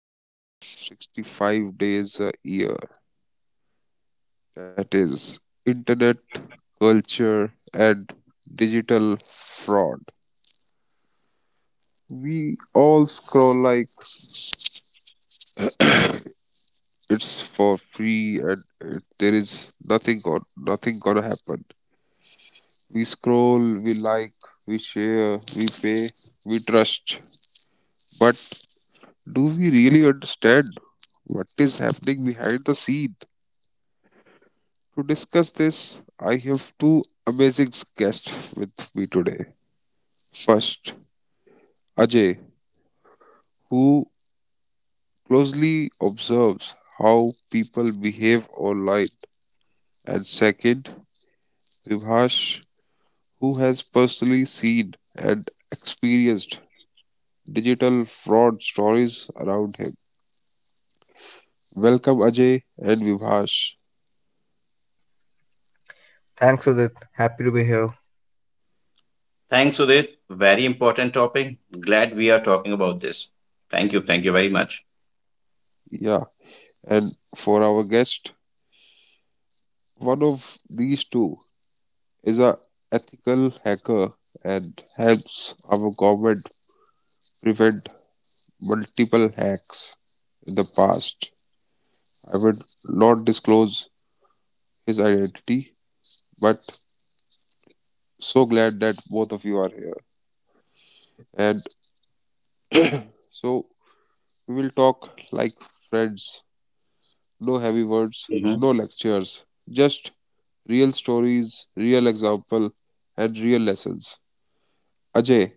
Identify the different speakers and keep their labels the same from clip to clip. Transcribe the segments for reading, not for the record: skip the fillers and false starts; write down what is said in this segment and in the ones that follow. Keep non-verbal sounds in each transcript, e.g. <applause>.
Speaker 1: 365 days a year. That is internet culture and digital fraud. We all scroll like it's for free and there is nothing gonna happen. We scroll, we like, we share, we pay, we trust. But do we really understand what is happening behind the scene? To discuss this, I have two amazing guests with me today. First, Ajay, who closely observes how people behave online. And second, Vibhash, who has personally seen and experienced digital fraud stories around him. Welcome, Ajay and Vibhash.
Speaker 2: Thanks, Udit. Happy to be here.
Speaker 3: Thanks, Sudhir. Very important topic. Glad we are talking about this. Thank you. Thank you very much.
Speaker 1: Yeah, and for our guest, one of these two is a ethical hacker and helps our government prevent multiple hacks in the past. I would not disclose his identity, but so glad that both of you are here. And so we will talk like friends. No heavy words,
Speaker 3: Mhm.
Speaker 1: no lectures, just real stories, real example, and real lessons. Ajay,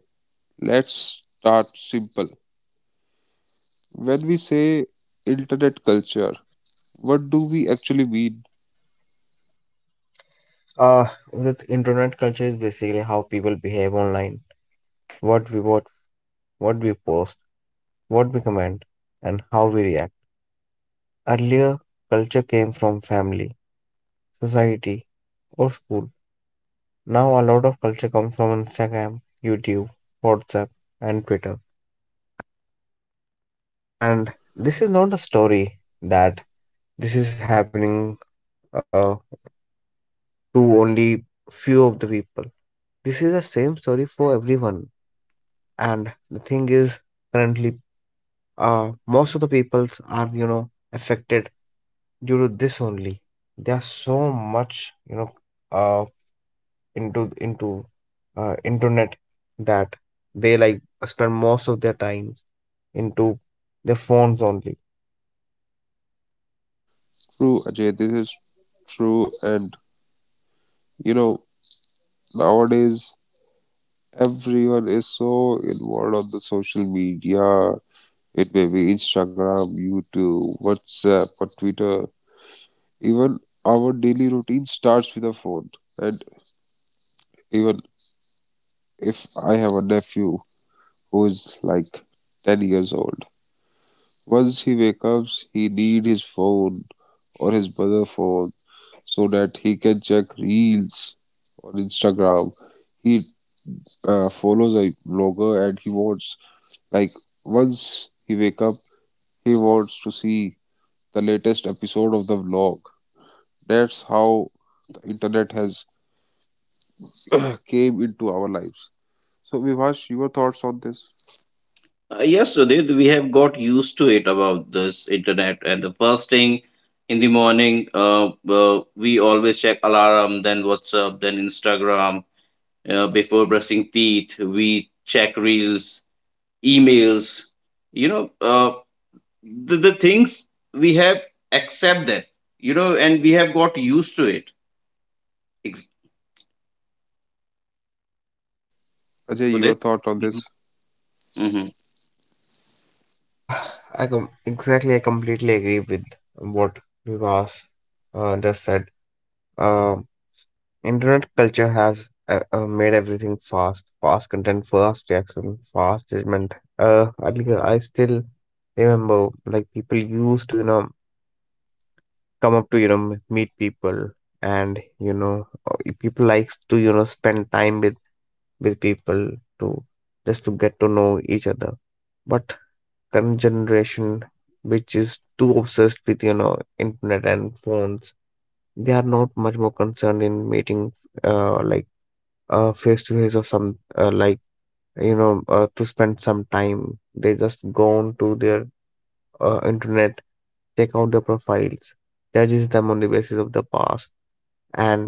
Speaker 1: let's start simple. When we say internet culture, what do we actually mean?
Speaker 2: Uh, Udit, internet culture is basically how people behave online, what we what, what we post, what we comment, and how we react. Earlier, culture came from family, society, or school. Now, a lot of culture comes from Instagram, YouTube, WhatsApp, and Twitter. And this is not a story that this is happening uh, to only few of the people. This is the same story for everyone. And the thing is, currently, most of the peoples are, affected due to this only. They are so much, uh, into internet, that they like spend most of their times into their phones only.
Speaker 1: True, Ajay, this is true. And you know, nowadays everyone is so involved on the social media. It may be Instagram, YouTube, WhatsApp, or Twitter. Even our daily routine starts with a phone. And even if I have a nephew who is like 10 years old, once he wakes up, he need his phone or his mother phone so that he can check reels on Instagram. He follows a blogger and he wants, like, once he wake up, he wants to see the latest episode of the vlog. That's how the internet has came into our lives. So Vivash, your thoughts on this?
Speaker 3: Yes, Sudhir, we have got used to it about this internet and the first thing in the morning, we always check alarm, then WhatsApp, then Instagram. Before brushing teeth, we check reels, emails. You know, uh, the things we have accept that, and we have got used to it. Ex-
Speaker 1: Ajay,
Speaker 3: Sudhir?
Speaker 1: your thought on
Speaker 3: Mhm.
Speaker 1: this?
Speaker 3: Mhm.
Speaker 2: Uh, I com- exactly I completely agree with what Vivas just said. Um. Internet culture has made everything fast, fast content, fast reaction, fast judgment. I think I still remember, like, people used to come up to meet people, and people likes to spend time with people, to just to get to know each other. But current generation, which is too obsessed with, internet and phones, they are not much more concerned in meeting, like, face to face, or some, like, to spend some time. They just go on to their internet, check out their profiles, judges them on the basis of the past, and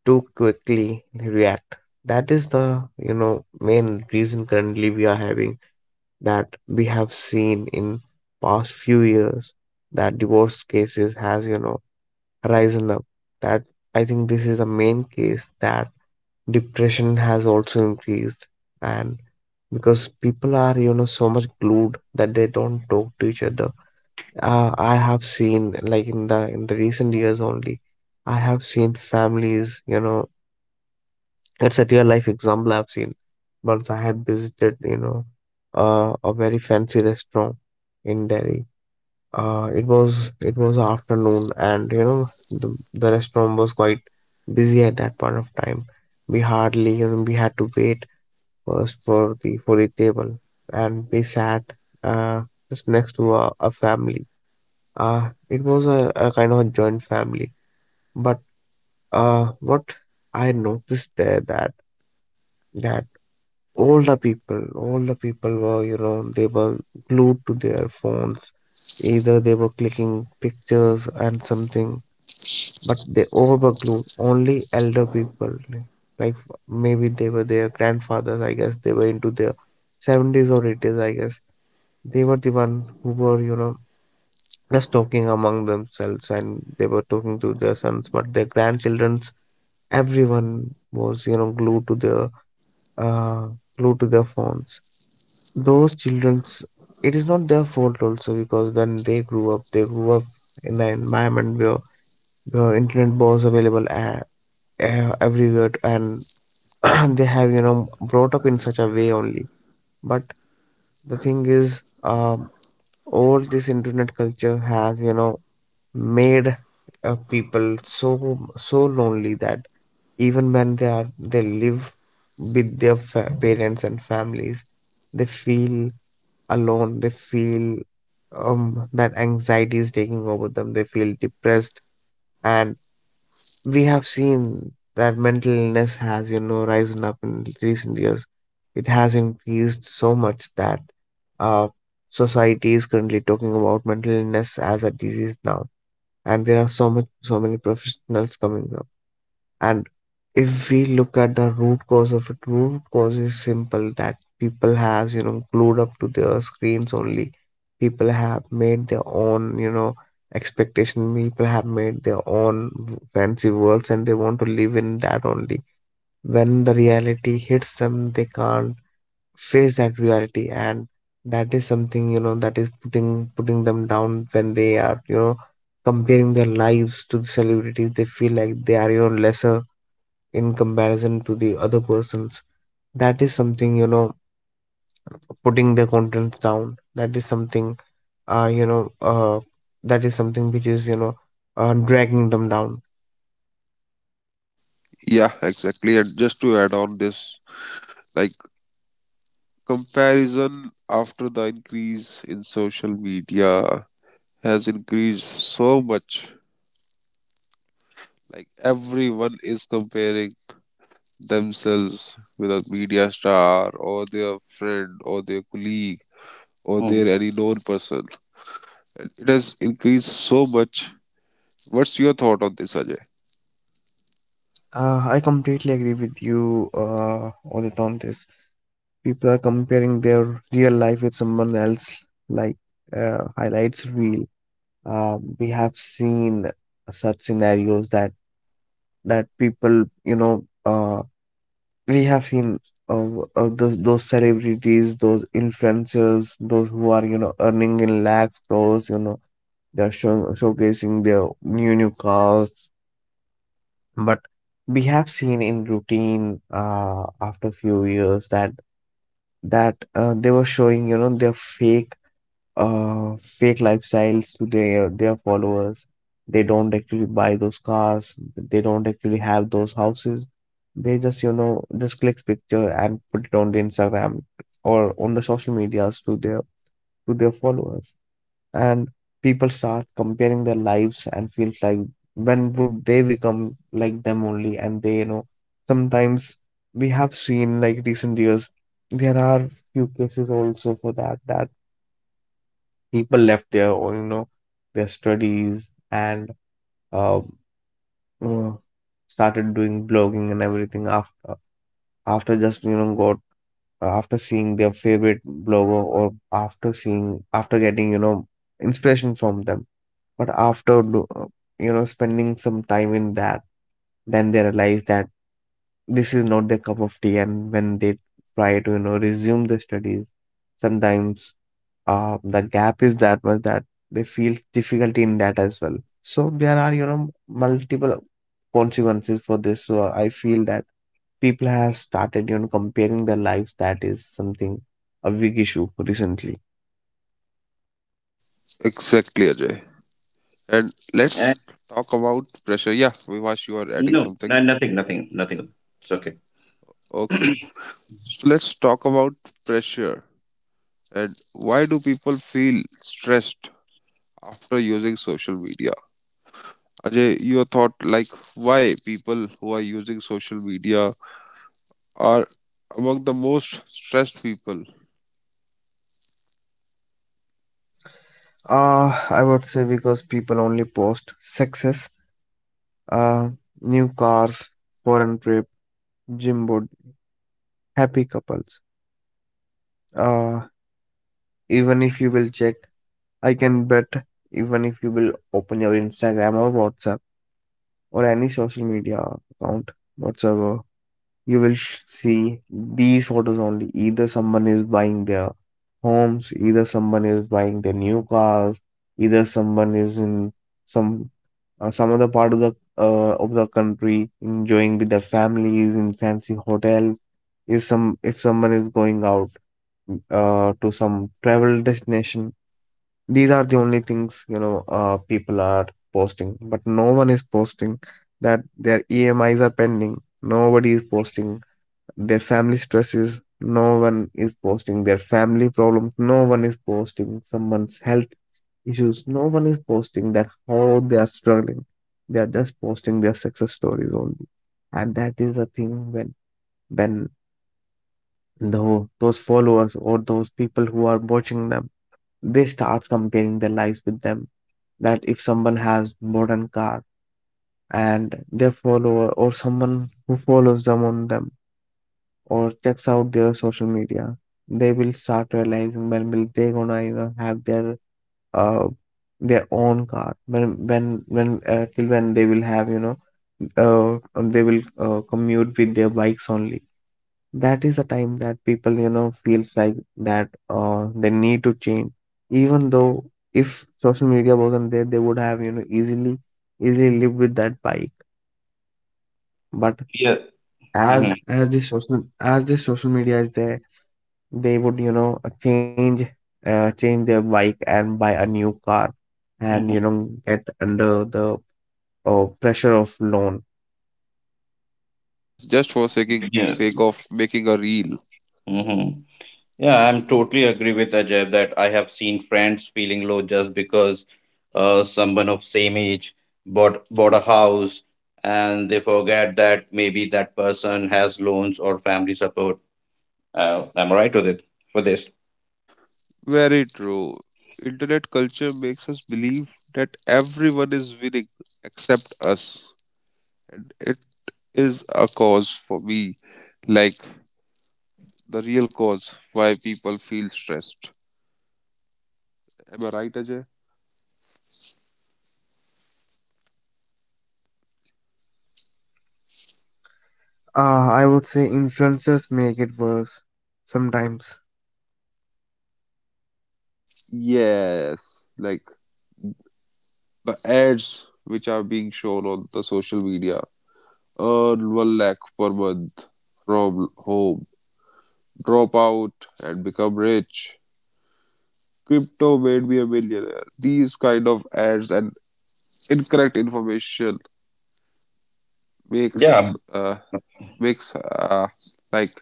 Speaker 2: too quickly react. That is the, main reason currently we are having, that we have seen in past few years, that divorce cases has, risen up. That, I think, this is the main case, that depression has also increased. And because people are, so much glued that they don't talk to each other. I have seen, like, in the recent years only, I have seen families, it's a real life example I've seen. Once I had visited, a very fancy restaurant in Delhi. It was, afternoon, and, the restaurant was quite busy at that point of time. We hardly, we had to wait first for the table, and we sat uh, just next to a family. It was a kind of a joint family, but what I noticed there, that all the people were, they were glued to their phones. Either they were clicking pictures and something, but they all were glued. Only elder people, like, maybe they were their grandfathers. I guess they were into their 70s or 80s, I guess. They were the one who were, just talking among themselves, and they were talking to their sons, but their grandchildrens, everyone was, glued to their uh, phones. Those childrens, it is not their fault also, because when they grew up in an environment where internet was available, everywhere, and <clears throat> they have, brought up in such a way only. But the thing is, all this internet culture has, made, people so so lonely that even when they are, they live with their parents and families, they feel alone. They feel, that anxiety is taking over them. They feel depressed. And we have seen that mental illness has, risen up in recent years. It has increased so much that, uh society is currently talking about mental illness as a disease now. And there are so much, so many professionals coming up. And if we look at the root cause of it, root cause is simple: that people has, glued up to their screens only. People have made their own, expectation. People have made their own fancy worlds, and they want to live in that only. When the reality hits them, they can't face that reality. And that is something, that is putting them down. When they are, comparing their lives to the celebrities, they feel like they are, lesser in comparison to the other persons. That is something, putting their content down. That is something, uh you know uh that is something which is, dragging them down.
Speaker 1: Yeah, exactly. And just to add on this, like, comparison after the increase in social media has increased so much. Like, everyone is comparing themselves with a media star or their friend or their colleague or
Speaker 3: Mhm.
Speaker 1: their any known person. And it has increased so much. What's your thought on this, Ajay?
Speaker 2: I completely agree with you, Odit, on this. People are comparing their real life with someone else, like, highlights reel. We have seen such scenarios, that people, we have seen, uh, those celebrities, those influencers, those who are, earning in lakhs, crores, they're showing showcasing their new cars. But we have seen in routine, after few years, that they were showing, their fake fake lifestyles to their followers. They don't actually buy those cars. They don't actually have those houses. They just, just click picture and put it on the Instagram or on the social medias to their followers. And people start comparing their lives and feels like, when would they become like them only. And they, sometimes, we have seen, like, recent years, there are few cases also for that, that people left their own, their studies, and uh, uh, started doing blogging and everything after, after just, got, after seeing their favorite blogger, or after seeing, after getting, inspiration from them. But after spending some time in that, then they realize that this is not their cup of tea. And when they try to, resume the studies, sometimes, the gap is that much that they feel difficulty in that as well. So there are, multiple consequences for this. So I feel that people have started, comparing their lives. That is something, a big issue recently.
Speaker 1: Exactly, Ajay. And
Speaker 3: And
Speaker 1: let's talk about pressure. Yeah, Vivash, you are adding
Speaker 3: no,
Speaker 1: something.
Speaker 3: no, nothing, nothing, nothing. It's okay.
Speaker 1: Okay. So let's talk about pressure and why do people feel stressed after using social media? Ajay, your thought, like, why people who are using social media are among the most stressed people?
Speaker 2: uh I would say, because people only post success, uh, new cars, foreign trip, gym body, happy couples. Uh, even if you will check, I can bet, even if you will open your Instagram or WhatsApp or any social media account whatsoever, you will see these photos only. Either someone is buying their homes, either someone is buying their new cars, either someone is in some, some other part of the, of the country, enjoying with their families in fancy hotels. Is some, if someone is going out, to some travel destination, these are the only things, people are posting. But no one is posting that their emis are pending. Nobody is posting their family stresses. No one is posting their family problems. No one is posting someone's health issues. No one is posting that how they are struggling. They are just posting their success stories only. And that is a thing, when when though those followers, or those people who are watching them, they start comparing their lives with them. That if someone has modern car, and their follower or someone who follows them on them or checks out their social media, they will start realizing, when will they gonna, have their, uh their own car, when till when they will have, they will, commute with their bikes only. That is the time that people, feels like that, they need to change. Even though if social media wasn't there, they would have, easily lived with that bike. But
Speaker 3: Yeah.
Speaker 2: as,
Speaker 3: Hmm.
Speaker 2: the social media is there, they would, change, their bike and buy a new car, and,
Speaker 3: Hmm.
Speaker 2: get under the, pressure of loan.
Speaker 1: Yeah, just for taking
Speaker 3: Yeah.
Speaker 1: sake of making a reel.
Speaker 3: Hmm. Yeah, I'm totally agree with Ajay that I have seen friends feeling low just because someone of same age bought a house, and they forget that maybe that person has loans or family support. Am I right with it for this?
Speaker 1: Very true. Internet culture makes us believe that everyone is winning except us, and it is a cause for me. Like, the real cause why people feel stressed. Am I right, Ajay?
Speaker 2: I would say influencers make it worse sometimes.
Speaker 1: Yes, like the ads which are being shown on the social media. Earn one lakh per month from home. Drop out and become rich. Crypto made me a millionaire. These kind of ads and incorrect information
Speaker 3: Yeah.
Speaker 1: makes uh makes uh, like,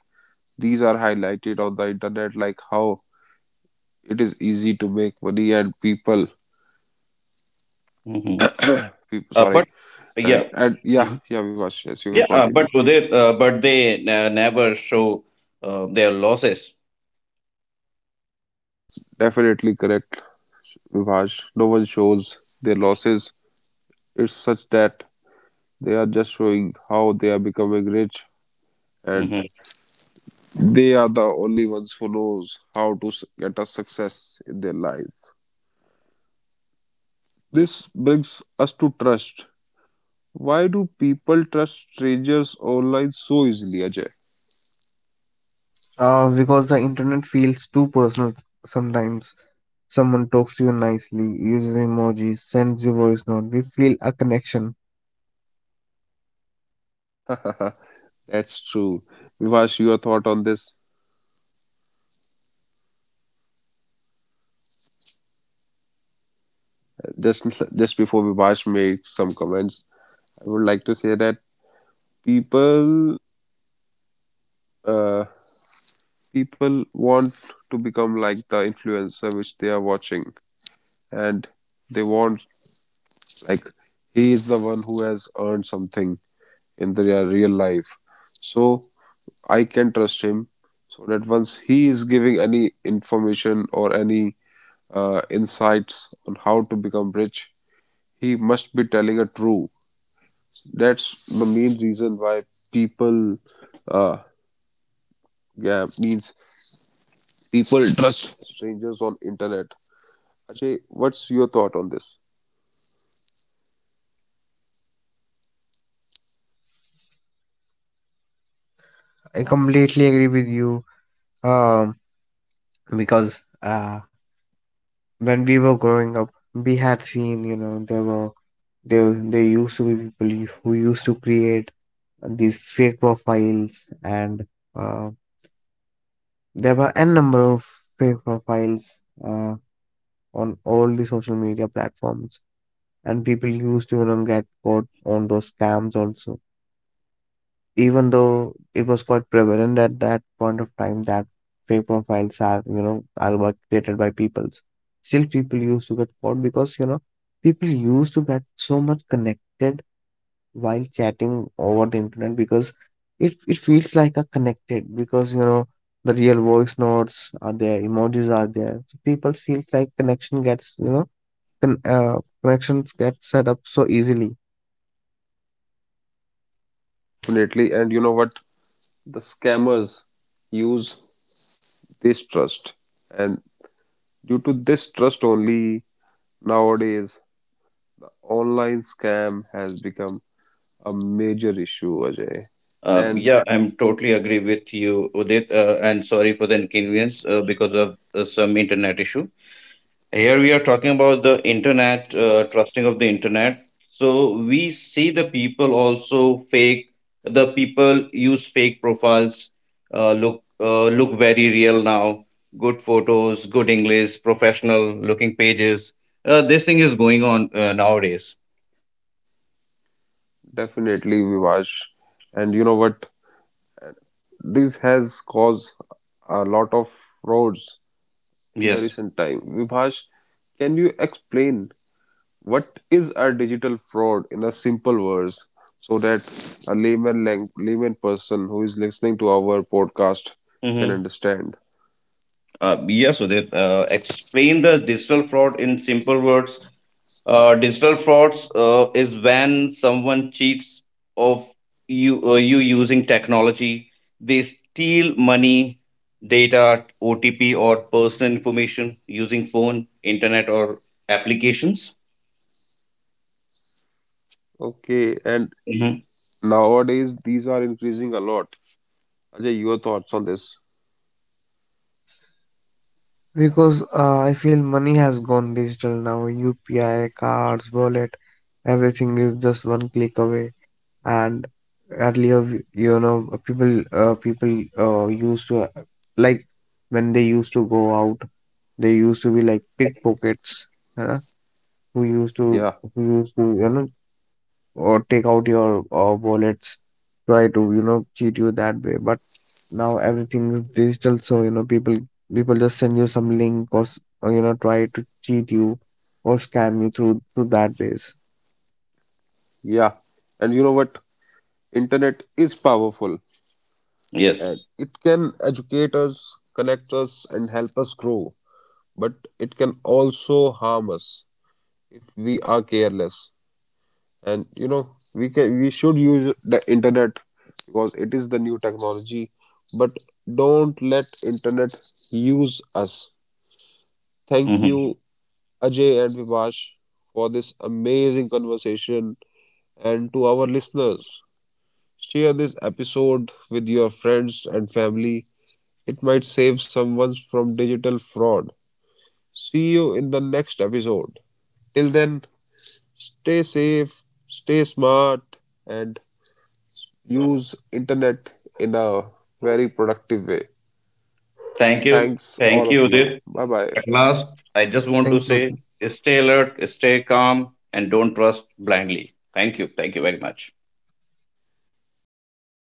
Speaker 1: these are highlighted on the internet like how it is easy to make money and people
Speaker 3: Hmm.
Speaker 1: <coughs> People,
Speaker 3: But
Speaker 1: sorry. And,
Speaker 3: yeah.
Speaker 1: and yeah,
Speaker 3: Mhm.
Speaker 1: yeah, Vivash, yes, you can
Speaker 3: Yeah,
Speaker 1: continue.
Speaker 3: but so they but they never show their losses.
Speaker 1: Definitely correct, Vivash. No one shows their losses. It's such that they are just showing how they are becoming rich, and
Speaker 3: Mm-hmm.
Speaker 1: they are the only ones who knows how to get a success in their life. This brings us to trust. Why do people trust strangers online so easily, Ajay?
Speaker 2: Because the internet feels too personal sometimes. Someone talks to you nicely, uses emojis, sends you voice note. We feel a connection.
Speaker 1: <laughs> That's true. Vivash, your thought on this? Just just before Vivash makes some comments, I would like to say that people uh, people want to become like the influencer which they are watching, and they want, like, he is the one who has earned something in their real life. So I can trust him. So that once he is giving any information or any insights on how to become rich, he must be telling a true. That's the main reason why people, uh, yeah, means people trust strangers on internet, Ajay. What's your thought on this?
Speaker 2: I completely agree with you. Um, because, when we were growing up, we had seen, there were, there used to be people who used to create these fake profiles, and, uh, there were n number of fake profiles, on all the social media platforms. And people used to, get caught on those scams also. Even though it was quite prevalent at that point of time that fake profiles are, are, created by peoples, still people used to get caught, because, people used to get so much connected while chatting over the internet, because it feels like a connected, because, the real voice notes are there, emojis are there. So people feels like connection gets, connections get set up so easily.
Speaker 1: Definitely. And you know what, the scammers use this trust, and due to this trust only, nowadays online scam has become a major issue, Ajay.
Speaker 3: Uh,
Speaker 1: And
Speaker 3: yeah, I'm totally agree with you, Udit, and sorry for the inconvenience because of some internet issue. Here we are talking about the internet, trusting of the internet. So we see the people also fake. The people use fake profiles, look very real now. Good photos, good English, professional looking pages. This thing is going on nowadays.
Speaker 1: definitely, Vivaj, and you know what, this has caused a lot of frauds in the
Speaker 3: Yes.
Speaker 1: recent time, Vivaj. Can you explain what is a digital fraud in a simple words, so that a layman person who is listening to our podcast can understand?
Speaker 3: Yes, Sudhir. Explain the digital fraud in simple words. Digital frauds is when someone cheats of you you using technology. They steal money, data, OTP, or personal information using phone, internet, or applications.
Speaker 1: Okay, and
Speaker 3: Hmm.
Speaker 1: nowadays these are increasing a lot. Ajay, your thoughts on this?
Speaker 2: Because, I feel money has gone digital now. UPI, cards, wallet, everything is just one click away. And earlier, people, used to, like, when they used to go out, they used to be like pickpockets, huh? Who used to,
Speaker 1: Yeah,
Speaker 2: who used to you know or take out your, wallets, try to, cheat you that way. But now everything is digital, so, people, just send you some link, or or, try to cheat you or scam you through that ways.
Speaker 1: yeah. And you know what? Internet is powerful
Speaker 3: Yes.
Speaker 1: and it can educate us, connect us, and help us grow. But it can also harm us if we are careless. And you know, we should use the internet because it is the new technology, but don't let internet use us. Thank you,
Speaker 3: Hmm.
Speaker 1: Ajay and Vivash, for this amazing conversation. And to our listeners, share this episode with your friends and family. It might save someone from digital fraud. See you in the next episode. Till then, stay safe, stay smart, and use internet in a very productive way.
Speaker 3: Thank you.
Speaker 1: Thanks all
Speaker 3: Thank
Speaker 1: of
Speaker 3: you,
Speaker 1: you.
Speaker 3: Udit.
Speaker 1: Bye bye.
Speaker 3: At last, I just want to
Speaker 2: Thank
Speaker 3: say,
Speaker 2: you.
Speaker 3: stay alert, stay calm, and don't trust blindly. Thank you. Thank you very much.